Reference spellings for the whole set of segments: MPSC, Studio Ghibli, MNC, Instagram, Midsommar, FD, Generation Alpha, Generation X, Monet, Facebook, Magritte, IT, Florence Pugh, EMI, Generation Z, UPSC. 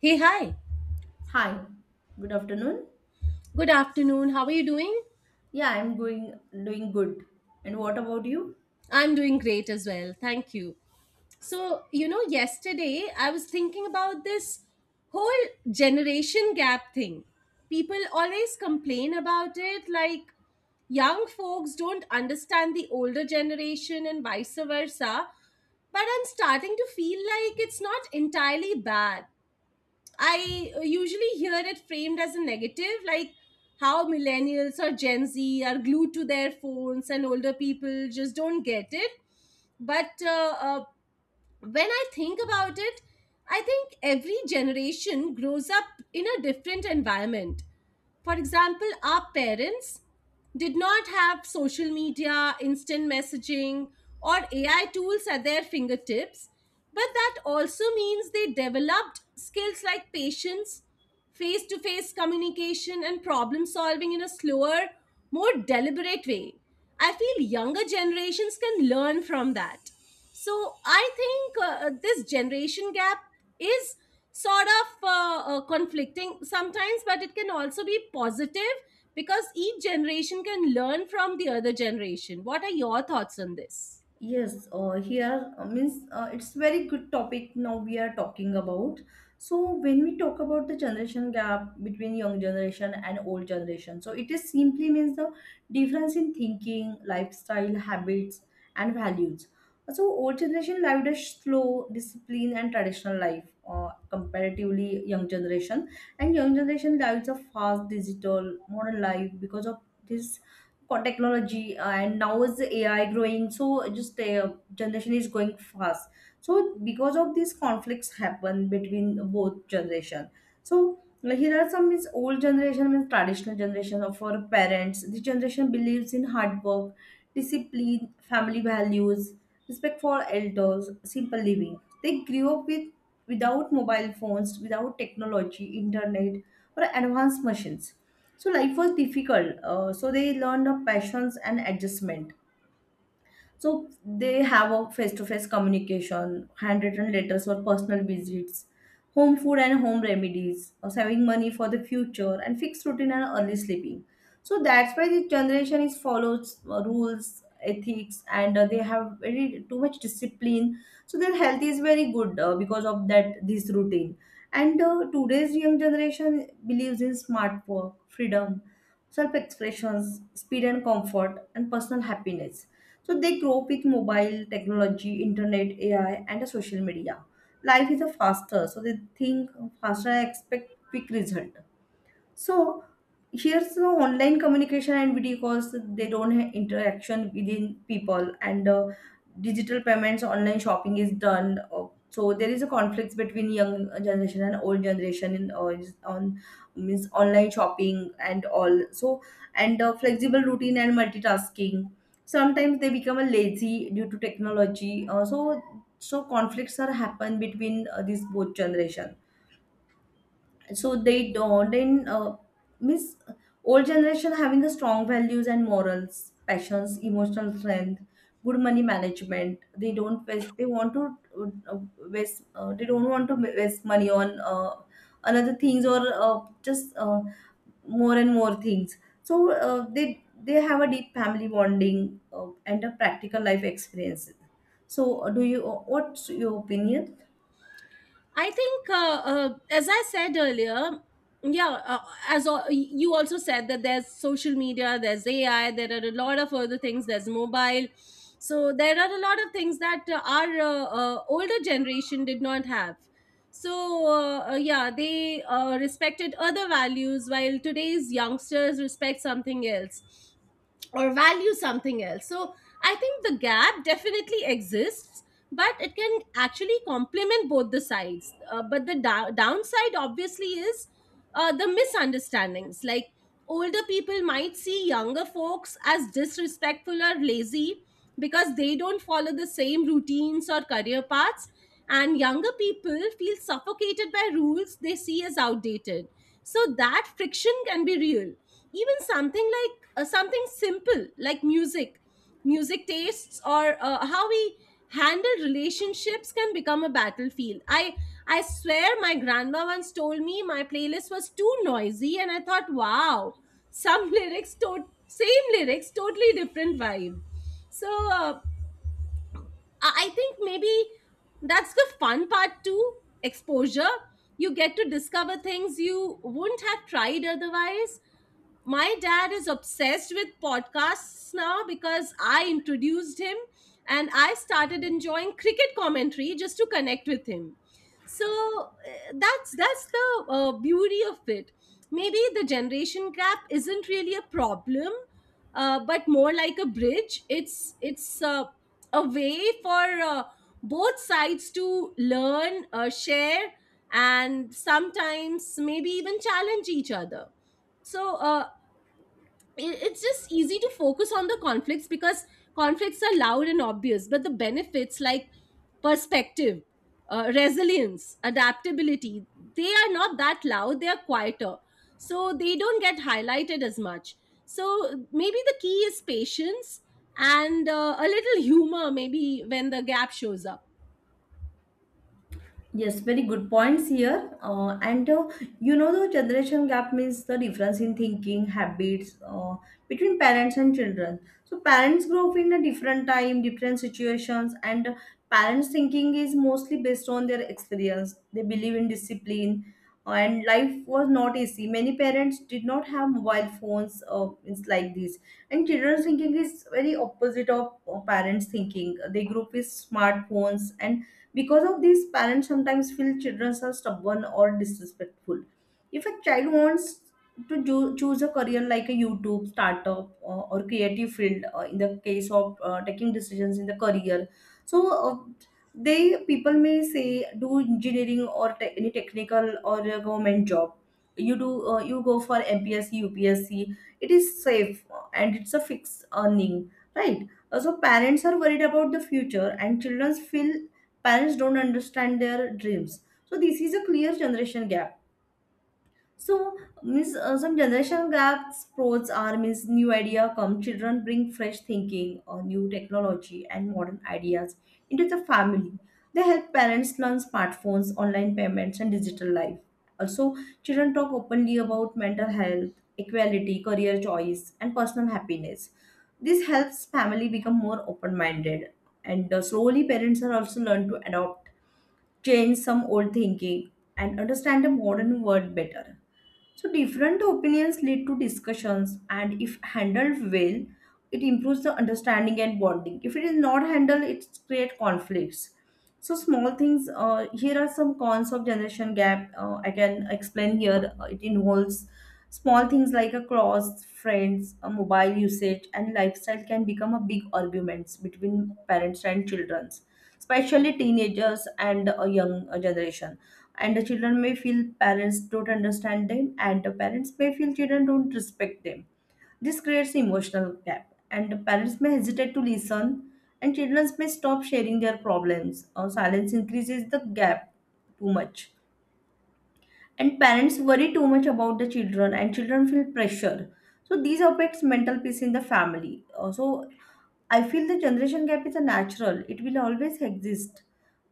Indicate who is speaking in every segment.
Speaker 1: Hey, hi.
Speaker 2: Hi, good afternoon.
Speaker 1: Good afternoon. How are you doing?
Speaker 2: Yeah, I'm going doing good. And what about you?
Speaker 1: I'm doing great as well. Thank you. So, you know, yesterday I was thinking about this whole generation gap thing. People always complain about it, like young folks don't understand the older generation and vice versa. But I'm starting to feel like it's not entirely bad. I usually hear it framed as a negative, like how millennials or Gen Z are glued to their phones and older people just don't get it. But when I think about it, I think every generation grows up in a different environment. For example, our parents did not have social media, instant messaging, or AI tools at their fingertips, but that also means they developed skills like patience, face to face communication, and problem solving in a slower, more deliberate way. I feel younger generations can learn from that. So I think this generation gap is sort of conflicting sometimes, but it can also be positive because each generation can learn from the other generation. What are your thoughts on this?
Speaker 2: Yes, here means it's very good topic now we are talking about. So when we talk about the generation gap between young generation and old generation, so it is simply means the difference in thinking, lifestyle, habits, and values. So old generation lived a slow, disciplined, and traditional life comparatively young generation, and young generation lives a fast, digital, modern life because of this for technology and now is the ai growing so just generation is going fast, so because of these conflicts happen between both generation, so like, here are some is old generation means traditional generation of our parents. This generation believes in hard work, discipline, family values, respect for elders, simple living. They grew up with, without mobile phones, without technology, internet, or advanced machines. So life was difficult. So they learned of patience and adjustment. So they have a face-to-face communication, handwritten letters for personal visits, home food and home remedies, or saving money for the future, and fixed routine and early sleeping. So that's why this generation is follows rules, ethics, and they have very too much discipline. So their health is very good because of that this routine. And today's young generation believes in smart work, freedom, self expressions, speed and comfort, and personal happiness. So they grow up with mobile technology, internet, AI, and the social media. Life is a faster, so they think faster, and expect quick result. So here's the online communication and video calls. They don't have interaction within people, and digital payments, online shopping is done. So there is a conflict between young generation and old generation in is on means online shopping and all. So and flexible routine and multitasking. Sometimes they become a lazy due to technology. So conflicts are happen between these both generation, so they don't, and miss old generation having the strong values and morals, passions, emotional strength, good money management. They don't waste, they want to uh, waste they don't want to waste money on another things, or just more and more things. So they have a deep family bonding and a practical life experience. So do you, what's your opinion?
Speaker 1: I think, as I said earlier, yeah, as you also said that there's social media, there's AI, there are a lot of other things, there's mobile. So there are a lot of things that our older generation did not have. So yeah, they respected other values while today's youngsters respect something else or value something else. So I think the gap definitely exists, but it can actually complement both the sides. But the downside, obviously, is the misunderstandings. Like older people might see younger folks as disrespectful or lazy because they don't follow the same routines or career paths. And younger people feel suffocated by rules they see as outdated. So that friction can be real, even something like something simple like music tastes or how we handle relationships can become a battlefield. I swear my grandma once told me my playlist was too noisy and I thought, wow, some same lyrics, totally different vibe. So I think maybe that's the fun part too, exposure. You get to discover things you wouldn't have tried otherwise. My dad is obsessed with podcasts now because I introduced him, and I started enjoying cricket commentary just to connect with him. So that's the beauty of it. Maybe the generation gap isn't really a problem, but more like a bridge. It's a way for uh, both sides to learn, share, and sometimes maybe even challenge each other. So, it's just easy to focus on the conflicts because conflicts are loud and obvious, but the benefits like perspective, resilience, adaptability, they are not that loud, they are quieter, so they don't get highlighted as much. So maybe the key is patience and a little humor maybe, when the gap shows up.
Speaker 2: Yes, very good points here. And you know, the generation gap means the difference in thinking habits between parents and children. So parents grow up in a different time, different situations, and parents' thinking is mostly based on their experience. They believe in discipline, and life was not easy. Many parents did not have mobile phones, it's like this. And children's thinking is very opposite of parents' thinking. They grew up with smartphones, and because of this, parents sometimes feel children are stubborn or disrespectful. If a child wants choose a career like a YouTube, startup, or creative field, in the case of taking decisions in the career, so they, people may say do engineering or any technical or a government job. You do, you go for MPSC, UPSC. It is safe, and it's a fixed earning, right? So parents are worried about the future, and children feel parents don't understand their dreams, so this is a clear generation gap. So means, some generation gaps pros are, means, new idea come, children bring fresh thinking or new technology and modern ideas into the family. They help parents learn smartphones, online payments, and digital life. Also, children talk openly about mental health, equality, career choice, and personal happiness. This helps family become more open minded, and slowly parents are also learn to adopt, change some old thinking, and understand the modern world better. So different opinions lead to discussions, and if handled well, it improves the understanding and bonding. If it is not handled, it creates conflicts. So small things. Here are some cons of generation gap. I can explain here. It involves small things like a cross friends, a mobile usage, and lifestyle can become a big arguments between parents and childrens, especially teenagers and a young generation. And the children may feel parents don't understand them, and the parents may feel children don't respect them. This creates emotional gap, and the parents may hesitate to listen, and children may stop sharing their problems. Or silence increases the gap too much, and parents worry too much about the children, and children feel pressure. So these affects mental peace in the family. So I feel the generation gap is a natural; it will always exist,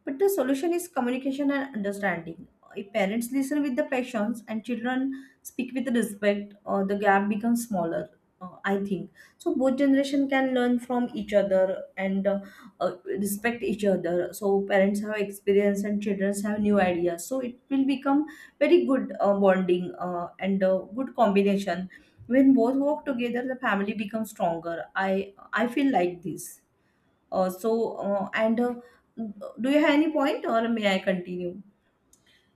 Speaker 2: but the solution is communication and understanding. If parents listen with the patience and children speak with respect, the gap becomes smaller. I think so. Both generation can learn from each other and respect each other. So parents have experience and children have new ideas. So it will become very good bonding and good combination. When both work together, the family becomes stronger. I I feel like this. So, and do you have any point, or may I continue?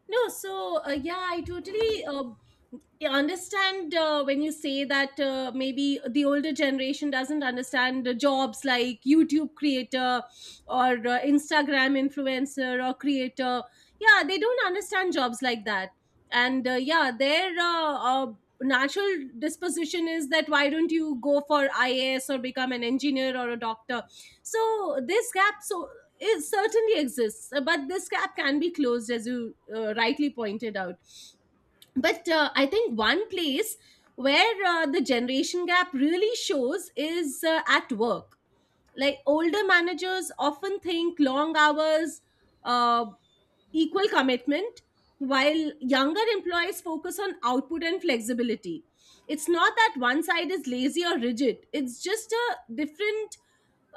Speaker 1: No, so yeah, I totally understand when you say that maybe the older generation doesn't understand jobs like YouTube creator or Instagram influencer or creator. Yeah, they don't understand jobs like that. And yeah, their uh, natural disposition is that why don't you go for IAS or become an engineer or a doctor? So this gap, so it certainly exists, but this gap can be closed, as you rightly pointed out. But I think one place where the generation gap really shows is at work, like older managers often think long hours uh, equal commitment, while younger employees focus on output and flexibility. It's not that one side is lazy or rigid, it's just a different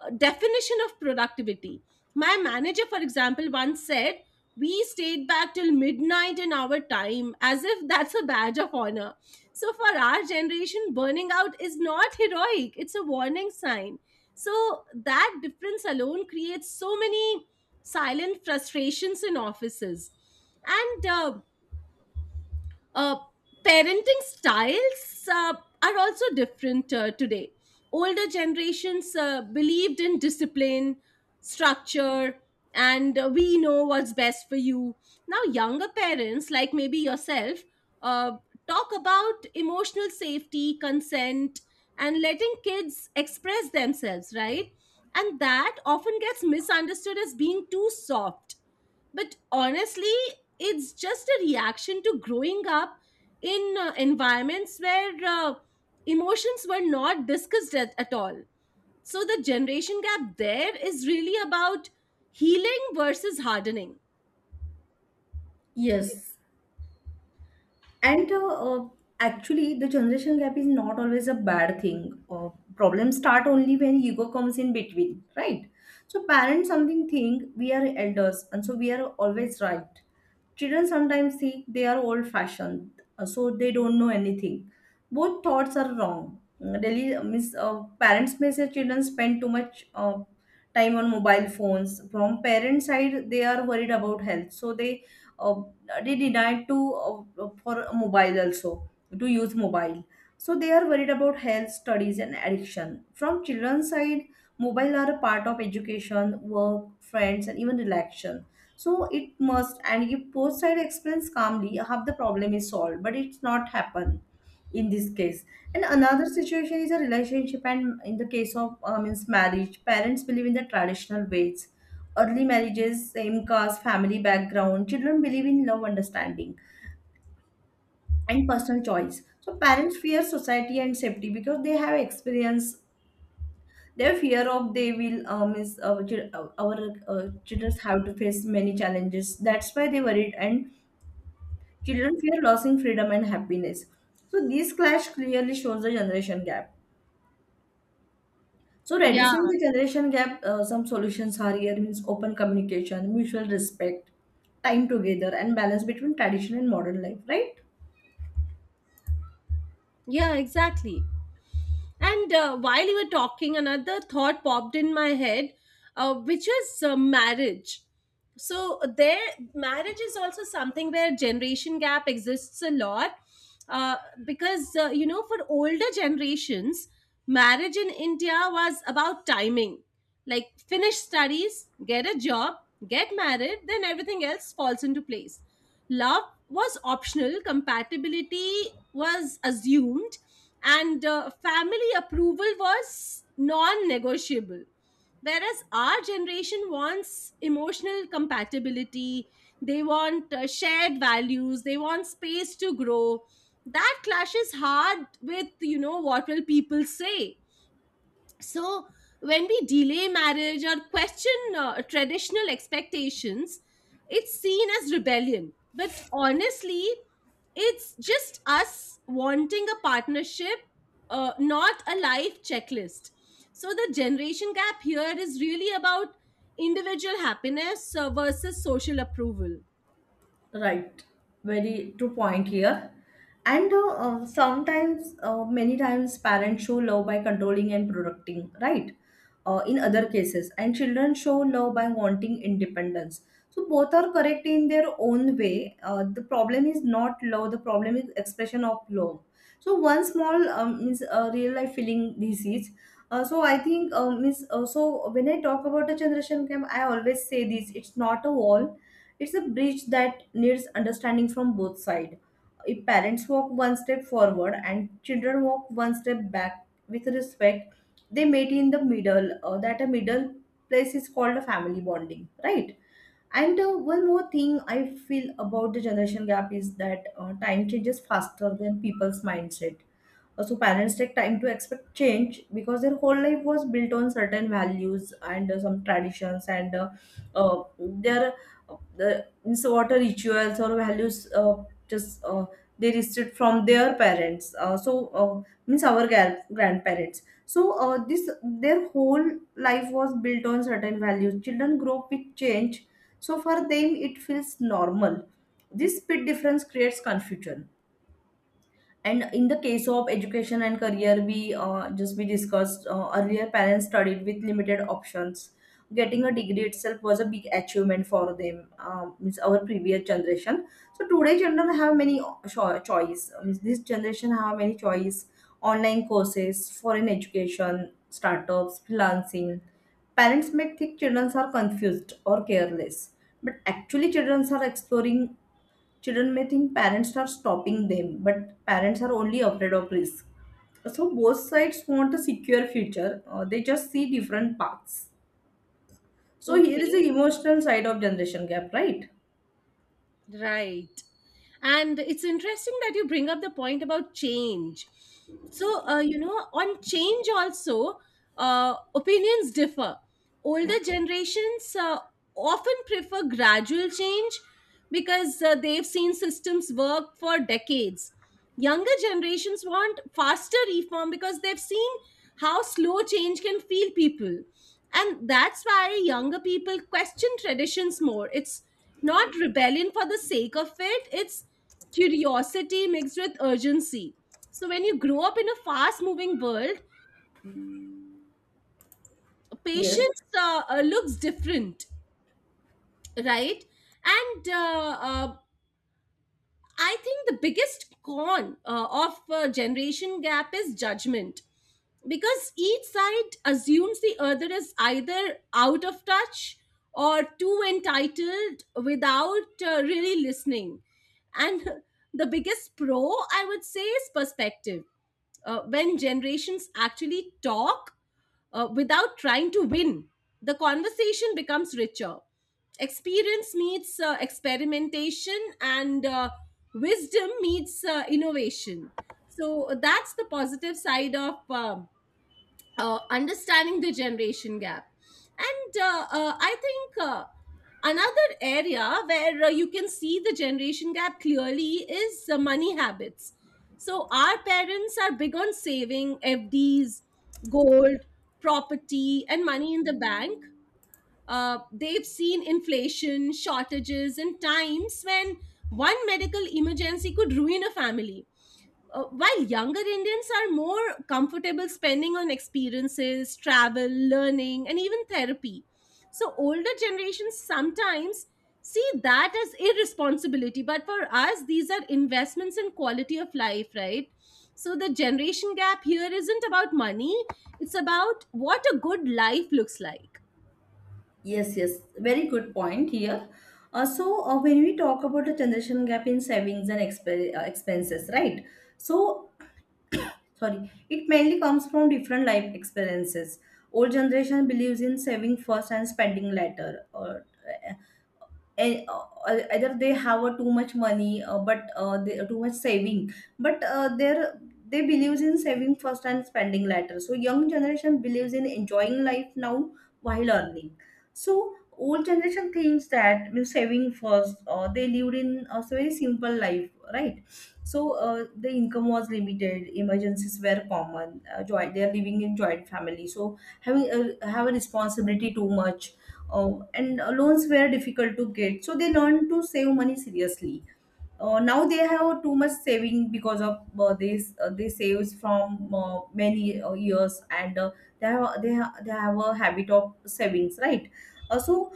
Speaker 1: definition of productivity. My manager, for example, once said we stayed back till midnight in our time, as if that's a badge of honor. So for our generation, burning out is not heroic, it's a warning sign. So that difference alone creates so many silent frustrations in offices. And uh, parenting styles are also different today. Older generations believed in discipline, structure, and we know what's best for you. Now, younger parents, like maybe yourself, uh, talk about emotional safety, consent, and letting kids express themselves, right? And that often gets misunderstood as being too soft. But honestly, it's just a reaction to growing up in environments where emotions were not discussed at all. So the generation gap there is really about healing versus hardening.
Speaker 2: Yes. And uh, actually, the generation gap is not always a bad thing. Problems start only when ego comes in between, right? So parents something think we are elders, and so we are always right. Children sometimes think they are old fashioned, so they don't know anything. Both thoughts are wrong. Parents may say children spend too much time on mobile phones. From parents' side, they are worried about health, so uh, they deny to uh, for mobile, also to use mobile. So they are worried about health, studies, and addiction. From children's side, mobile are a part of education, work, friends, and even relaxation, so it must, and if both sides explains calmly, half the problem is solved. But it's not happen in this case. And another situation is a relationship, and in the case of means marriage, parents believe in the traditional ways, early marriages, same caste, family background. Children believe in love, understanding, and personal choice. So parents fear society and safety because they have experience. Their fear of they will our children have to face many challenges. That's why they worried, and children fear losing freedom and happiness. So this clash clearly shows the generation gap. So
Speaker 1: Yeah.
Speaker 2: reducing the generation gap, some solutions are here means open communication, mutual respect, time together, and balance between tradition and modern life, right?
Speaker 1: Yeah, exactly. And while you were talking, another thought popped in my head, which was marriage. So there, marriage is also something where generation gap exists a lot, uh, because you know, for older generations, marriage in India was about timing, like finish studies, get a job, get married, then everything else falls into place. Love was optional, compatibility was assumed, and family approval was non-negotiable. Whereas our generation wants emotional compatibility, they want shared values, they want space to grow. That clashes hard with, you know, what will people say. So when we delay marriage or question traditional expectations, it's seen as rebellion, but honestly, it's just us wanting a partnership, not a life checklist. So the generation gap here is really about individual happiness versus social approval.
Speaker 2: Right, very true point here. And sometimes, many times, parents show love by controlling and protecting, right? In other cases, and children show love by wanting independence. So both are correct in their own way. The problem is not love; the problem is expression of love. So one small means real life feeling disease. So I think means so when I talk about a generation gap, I always say this: it's not a wall, it's a bridge that needs understanding from both sides. If parents walk one step forward and children walk one step back with respect, they meet in the middle. That a middle place is called a family bonding, right? And one more thing I feel about the generation gap is that time changes faster than people's mindset. So parents take time to expect change, because their whole life was built on certain values and some traditions, and uh, their the water rituals or values, just they received from their parents, uh, means our grandparents. So this, their whole life was built on certain values. Children grow up with change, so for them it feels normal. This speed difference creates confusion. And in the case of education and career, we, just we discussed earlier, parents studied with limited options. Getting a degree itself was a big achievement for them. Means our previous generation. So today, children have many choice. Means this generation have many choice. Online courses, foreign education, startups, freelancing. Parents may think children are confused or careless, but actually, children are exploring. Children may think parents are stopping them, but parents are only afraid of risk. So both sides want a secure future. They just see different paths. So here is
Speaker 1: Okay,
Speaker 2: the emotional side of generation gap, right?
Speaker 1: right. And it's interesting that you bring up the point about change. So, you know, on change also, opinions differ. Older generations often prefer gradual change because they've seen systems work for decades. Younger generations want faster reform because they've seen how slow change can feel people, and that's why younger people question traditions more. It's not rebellion for the sake of it, it's curiosity mixed with urgency. So when you grow up in a fast moving world,
Speaker 2: Yes,
Speaker 1: patience looks different. Right. And I think the biggest con of generation gap is judgment, because each side assumes the other is either out of touch or too entitled, without really listening. And the biggest pro, I would say, is perspective. When generations actually talk, without trying to win, the conversation becomes richer. Experience meets experimentation, and wisdom meets innovation. So that's the positive side of understanding the generation gap. And I think another area where you can see the generation gap clearly is money habits. So our parents are big on saving FDs, gold, property, and money in the bank. They've seen inflation, shortages, and times when one medical emergency could ruin a family, while younger Indians are more comfortable spending on experiences, travel, learning, and even therapy. So, older generations sometimes see that as irresponsibility, but for us, these are investments in quality of life, right? So, the generation gap here isn't about money, it's about what a good life looks like.
Speaker 2: yes, yes. Very good point here. When we talk about the generation gap in savings and expenses, right? So sorry, it mainly comes from different life experiences. Old generation believes in saving first and spending later. Or e- uh, either they have a too much money but they, too much saving but they believes in saving first and spending later. So young generation believes in enjoying life now while earning. So old generation thinks that means saving first. They lived in a very simple life, right? So the income was limited, emergencies were common. Joy, they are living in joint family, so have a responsibility too much. Oh, and loans were difficult to get, so they learned to save money seriously. Now they have too much saving because of this. They saves from many years, and they have a habit of savings, right? So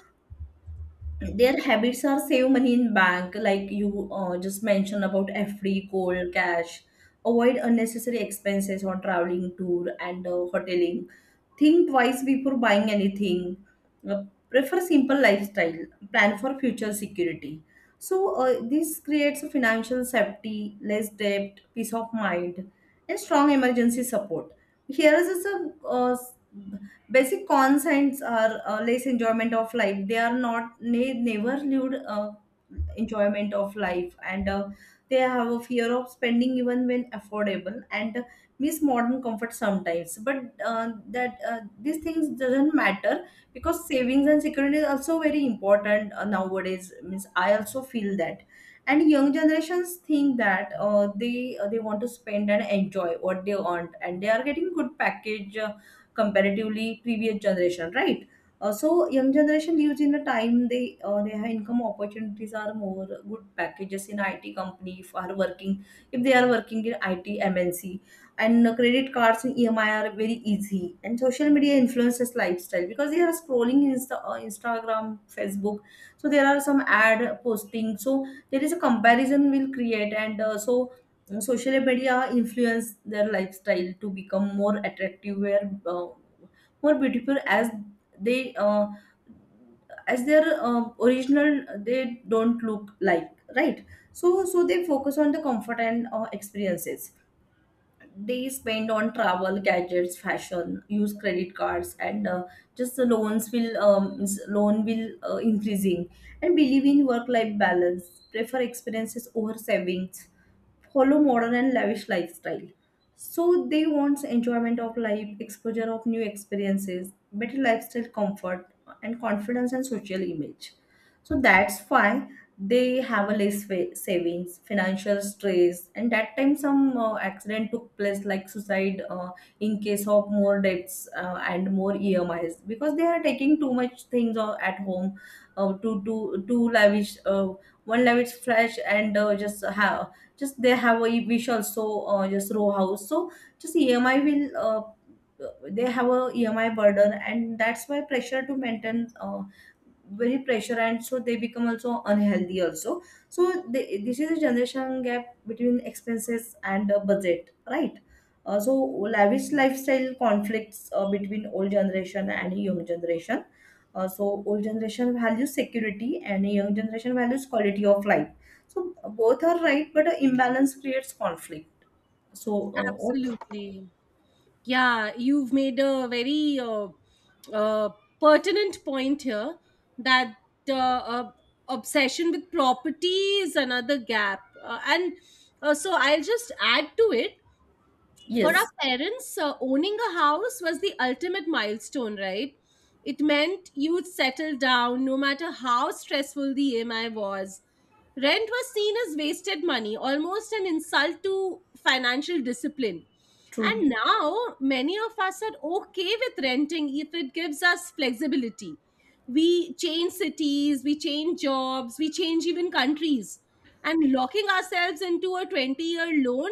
Speaker 2: their habits are save money in bank, like you just mentioned about FD, cold cash, avoid unnecessary expenses on traveling, tour, and hoteling. Think twice before buying anything. Uh, Prefer simple lifestyle. Plan for future security. So this creates a financial safety, less debt, peace of mind, and strong emergency support. Here is a basic concepts are less enjoyment of life. They are not They never lived enjoyment of life and. They have a fear of spending even when affordable, and miss modern comfort sometimes, but that these things doesn't matter, because savings and security is also very important nowadays, means I also feel that. And young generations think that they want to spend and enjoy what they want, and they are getting good package comparatively previous generation, right? So young generation lives in a time, they have income opportunities are more good packages in IT company, if they are working in IT MNC. And credit cards and EMI are very easy. And social media influences lifestyle because they are scrolling Instagram, Facebook. So there are some ad posting. So there is a comparison will create, and social media influence their lifestyle to become more attractive, where more beautiful as they as their original they don't look like, right. So they focus on the comfort and experiences. They spend on travel, gadgets, fashion, use credit cards, and just the loans will loan will increasing. And believe in work life balance, prefer experiences over savings, follow modern and lavish lifestyle. So they want enjoyment of life, exposure of new experiences, better lifestyle comfort, and confidence and social image. So that's why they have a less savings, financial stress, and that time some accident took place like suicide, in case of more debts, and more emis because they are taking too much things at home. Too lavish, one lavish flash, and just they have a wish also. Just row house, so just emi will they have a emi burden, and that's why pressure to maintain very pressure, and so they become also unhealthy also. This is a generation gap between expenses and budget, right. So lavish lifestyle conflicts between old generation and young generation. So old generation values security, and young generation values quality of life. So both are right, but an imbalance creates conflict. so uh, what-
Speaker 1: Absolutely. Yeah, you've made a very uh, pertinent point here, that uh, uh, obsession with property is another gap. And so I'll just add to it. For our
Speaker 2: yes,
Speaker 1: parents, owning a house was the ultimate milestone, right? It meant you'd settle down no matter how stressful the EMI was. Rent was seen as wasted money, almost an insult to financial discipline.
Speaker 2: true,
Speaker 1: And now, many of us are okay with renting if it gives us flexibility. We change cities, we change jobs, we change even countries. And locking ourselves into a 20-year loan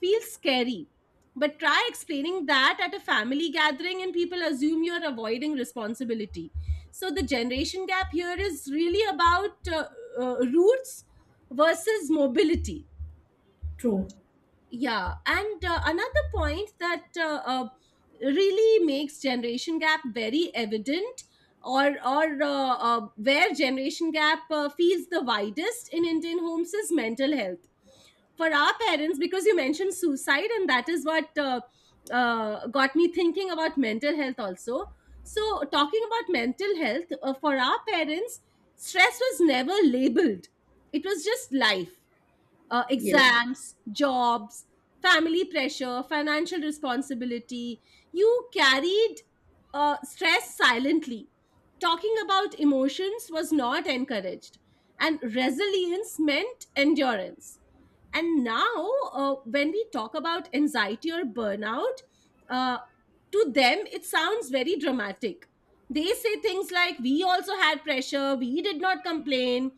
Speaker 1: feels scary. But try explaining that at a family gathering and people assume you're avoiding responsibility. So the generation gap here is really about roots versus mobility.
Speaker 2: true,
Speaker 1: Yeah, and another point that really makes generation gap very evident, or where generation gap feels the widest in Indian homes is mental health. For our parents, because you mentioned suicide, and that is what got me thinking about mental health also. So talking about mental health, for our parents, stress was never labeled, it was just life. Uh,
Speaker 2: yes.
Speaker 1: exams, jobs, family pressure, financial responsibility. You carried stress silently. Talking about emotions was not encouraged, and resilience meant endurance. And now, when we talk about anxiety or burnout, uh, to them it sounds very dramatic. They say things like, we also had pressure, we did not complain,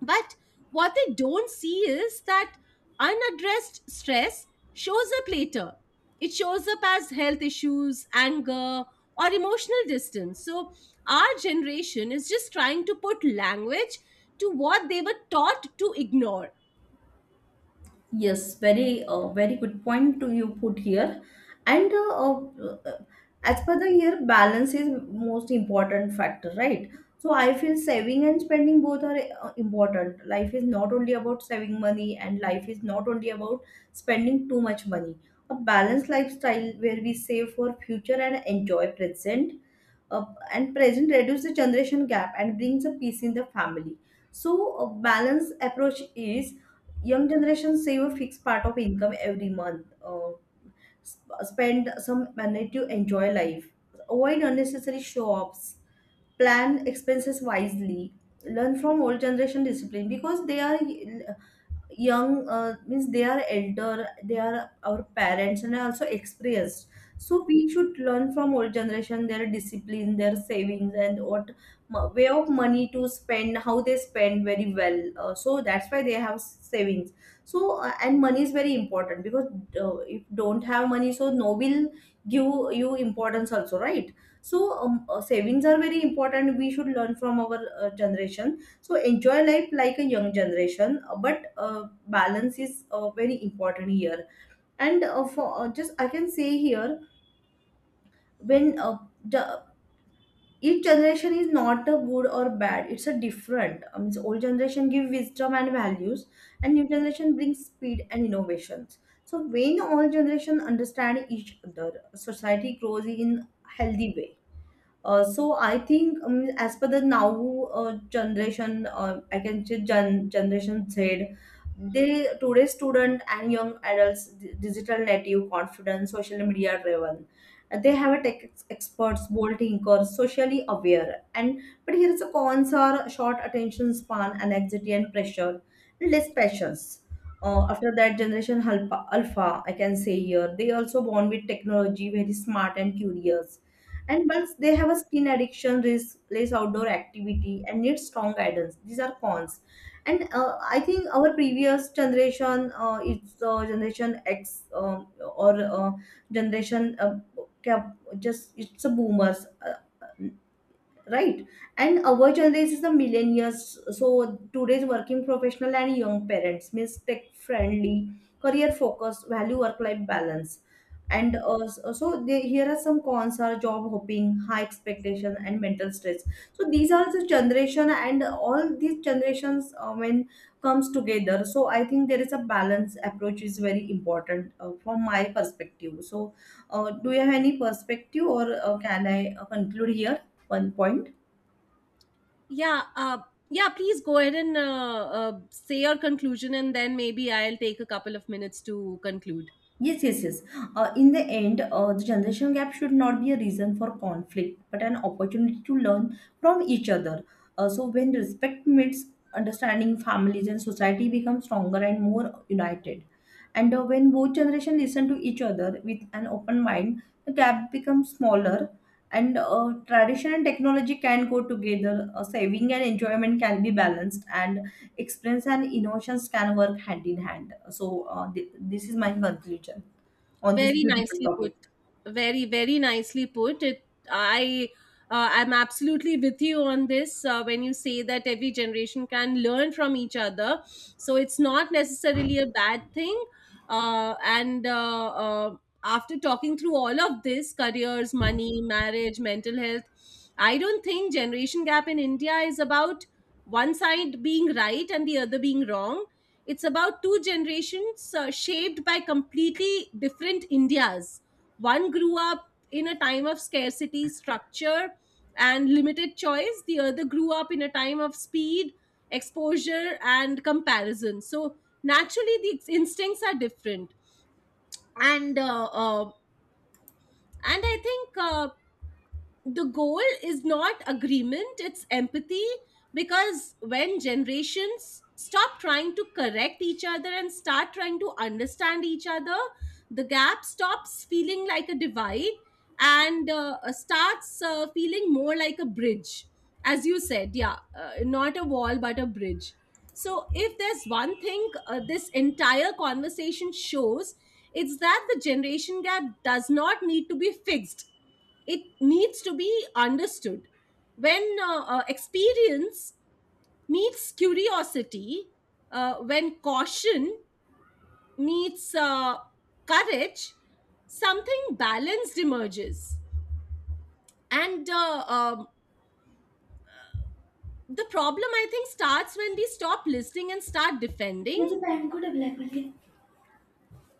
Speaker 1: but what they don't see is that unaddressed stress shows up later. It shows up as health issues, anger, or emotional distance. So, our generation is just trying to put language to what they were taught to ignore.
Speaker 2: Yes, very good point to you put here. And uh, as per the year, balance is most important factor, right? So I feel saving and spending both are important. Life is not only about saving money, and life is not only about spending too much money. A balanced lifestyle where we save for future and enjoy present, uh, and present reduce the generation gap and brings a peace in the family. So a balanced approach is: young generation save a fixed part of income every month, spend some money to enjoy life, avoid unnecessary shops, plan expenses wisely, learn from old generation discipline, because they are young, means they are elder, they are our parents and are also experienced. So we should learn from old generation, their discipline, their savings, and what way of money to spend, how they spend very well. So that's why they have savings. And money is very important, because if don't have money, so no will give you importance also, right? So savings are very important, we should learn from our generation. So enjoy life like a young generation, but balance is very important here. And for just I can say here, when the each generation is not a good or bad. It's a different. I mean, old generation give wisdom and values, and new generation brings speed and innovations. So when all generation understand each other, society grows in healthy way. So I think as per the now generation, I can say generation Z, they today's student and young adults, digital native, confident, social media driven. They have a tech experts, bold thinkers, socially aware. And but here's the cons are short attention span, anxiety and pressure, and less patience. After that generation alpha, I can say here, they also born with technology, very smart and curious, and once they have a screen addiction, risk, less outdoor activity, and need strong guidance. These are cons. And I think our previous generation, it's generation X, or generation, just it's a boomers. Right. And our generation is the millennials, so today's working professional and young parents means tech friendly, career focused, value work life balance. And here are some cons are job hopping, high expectation, and mental stress. So these are the generation, and all these generations when comes together, so I think there is a balance approach is very important from my perspective. So do you have any perspective, or can I conclude here one point?
Speaker 1: Yeah, yeah, please go ahead and say your conclusion, and then maybe I'll take a couple of minutes to conclude.
Speaker 2: Yes, yes, yes. In the end, the generation gap should not be a reason for conflict, but an opportunity to learn from each other. So when respect meets understanding, families and society become stronger and more united. And when both generations listen to each other with an open mind, the gap becomes smaller. And tradition and technology can go together, saving and enjoyment can be balanced, and experience and innovations can work hand in hand. This is my conclusion on this
Speaker 1: Very
Speaker 2: beautiful
Speaker 1: nicely put.
Speaker 2: topic.
Speaker 1: Very, very nicely put. I'm absolutely with you on this, when you say that every generation can learn from each other. So it's not necessarily a bad thing. And After talking through all of this, careers, money, marriage, mental health, I don't think generation gap in India is about one side being right and the other being wrong. It's about two generations shaped by completely different Indias. One grew up in a time of scarcity, structure, and limited choice, the other grew up in a time of speed, exposure, and comparison. So, naturally, the instincts are different. And and I think the goal is not agreement, it's empathy, because when generations stop trying to correct each other and start trying to understand each other, the gap stops feeling like a divide and starts feeling more like a bridge, as you said. Yeah, not a wall but a bridge. So if there's one thing this entire conversation shows, it's that the generation gap does not need to be fixed, it needs to be understood. When experience meets curiosity, when caution meets courage, something balanced emerges. And the problem, I think, starts when we stop listening and start defending.
Speaker 2: मुझे pant को double है बोलिए।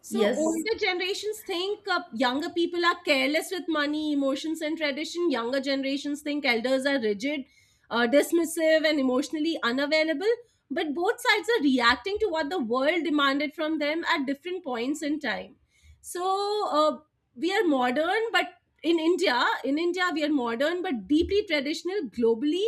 Speaker 1: So
Speaker 2: Yes.
Speaker 1: older generations think younger people are careless with money, emotions, and tradition. Younger generations think elders are rigid, dismissive, and emotionally unavailable. But both sides are reacting to what the world demanded from them at different points in time. So we are modern, but in India, we are modern but deeply traditional, globally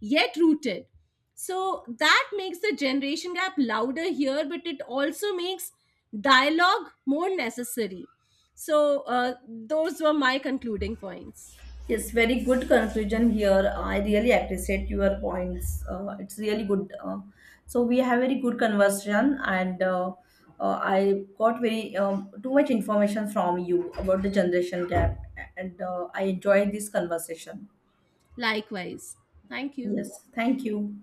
Speaker 1: yet rooted. So that makes the generation gap louder here, but it also makes dialogue more necessary. So those were my concluding points.
Speaker 2: Yes, very good conclusion here. I really appreciate your points. It's really good. So we have very good conversation, and I got very too much information from you about the generation gap, and I enjoyed this conversation.
Speaker 1: Likewise. Thank you.
Speaker 2: Yes, thank you.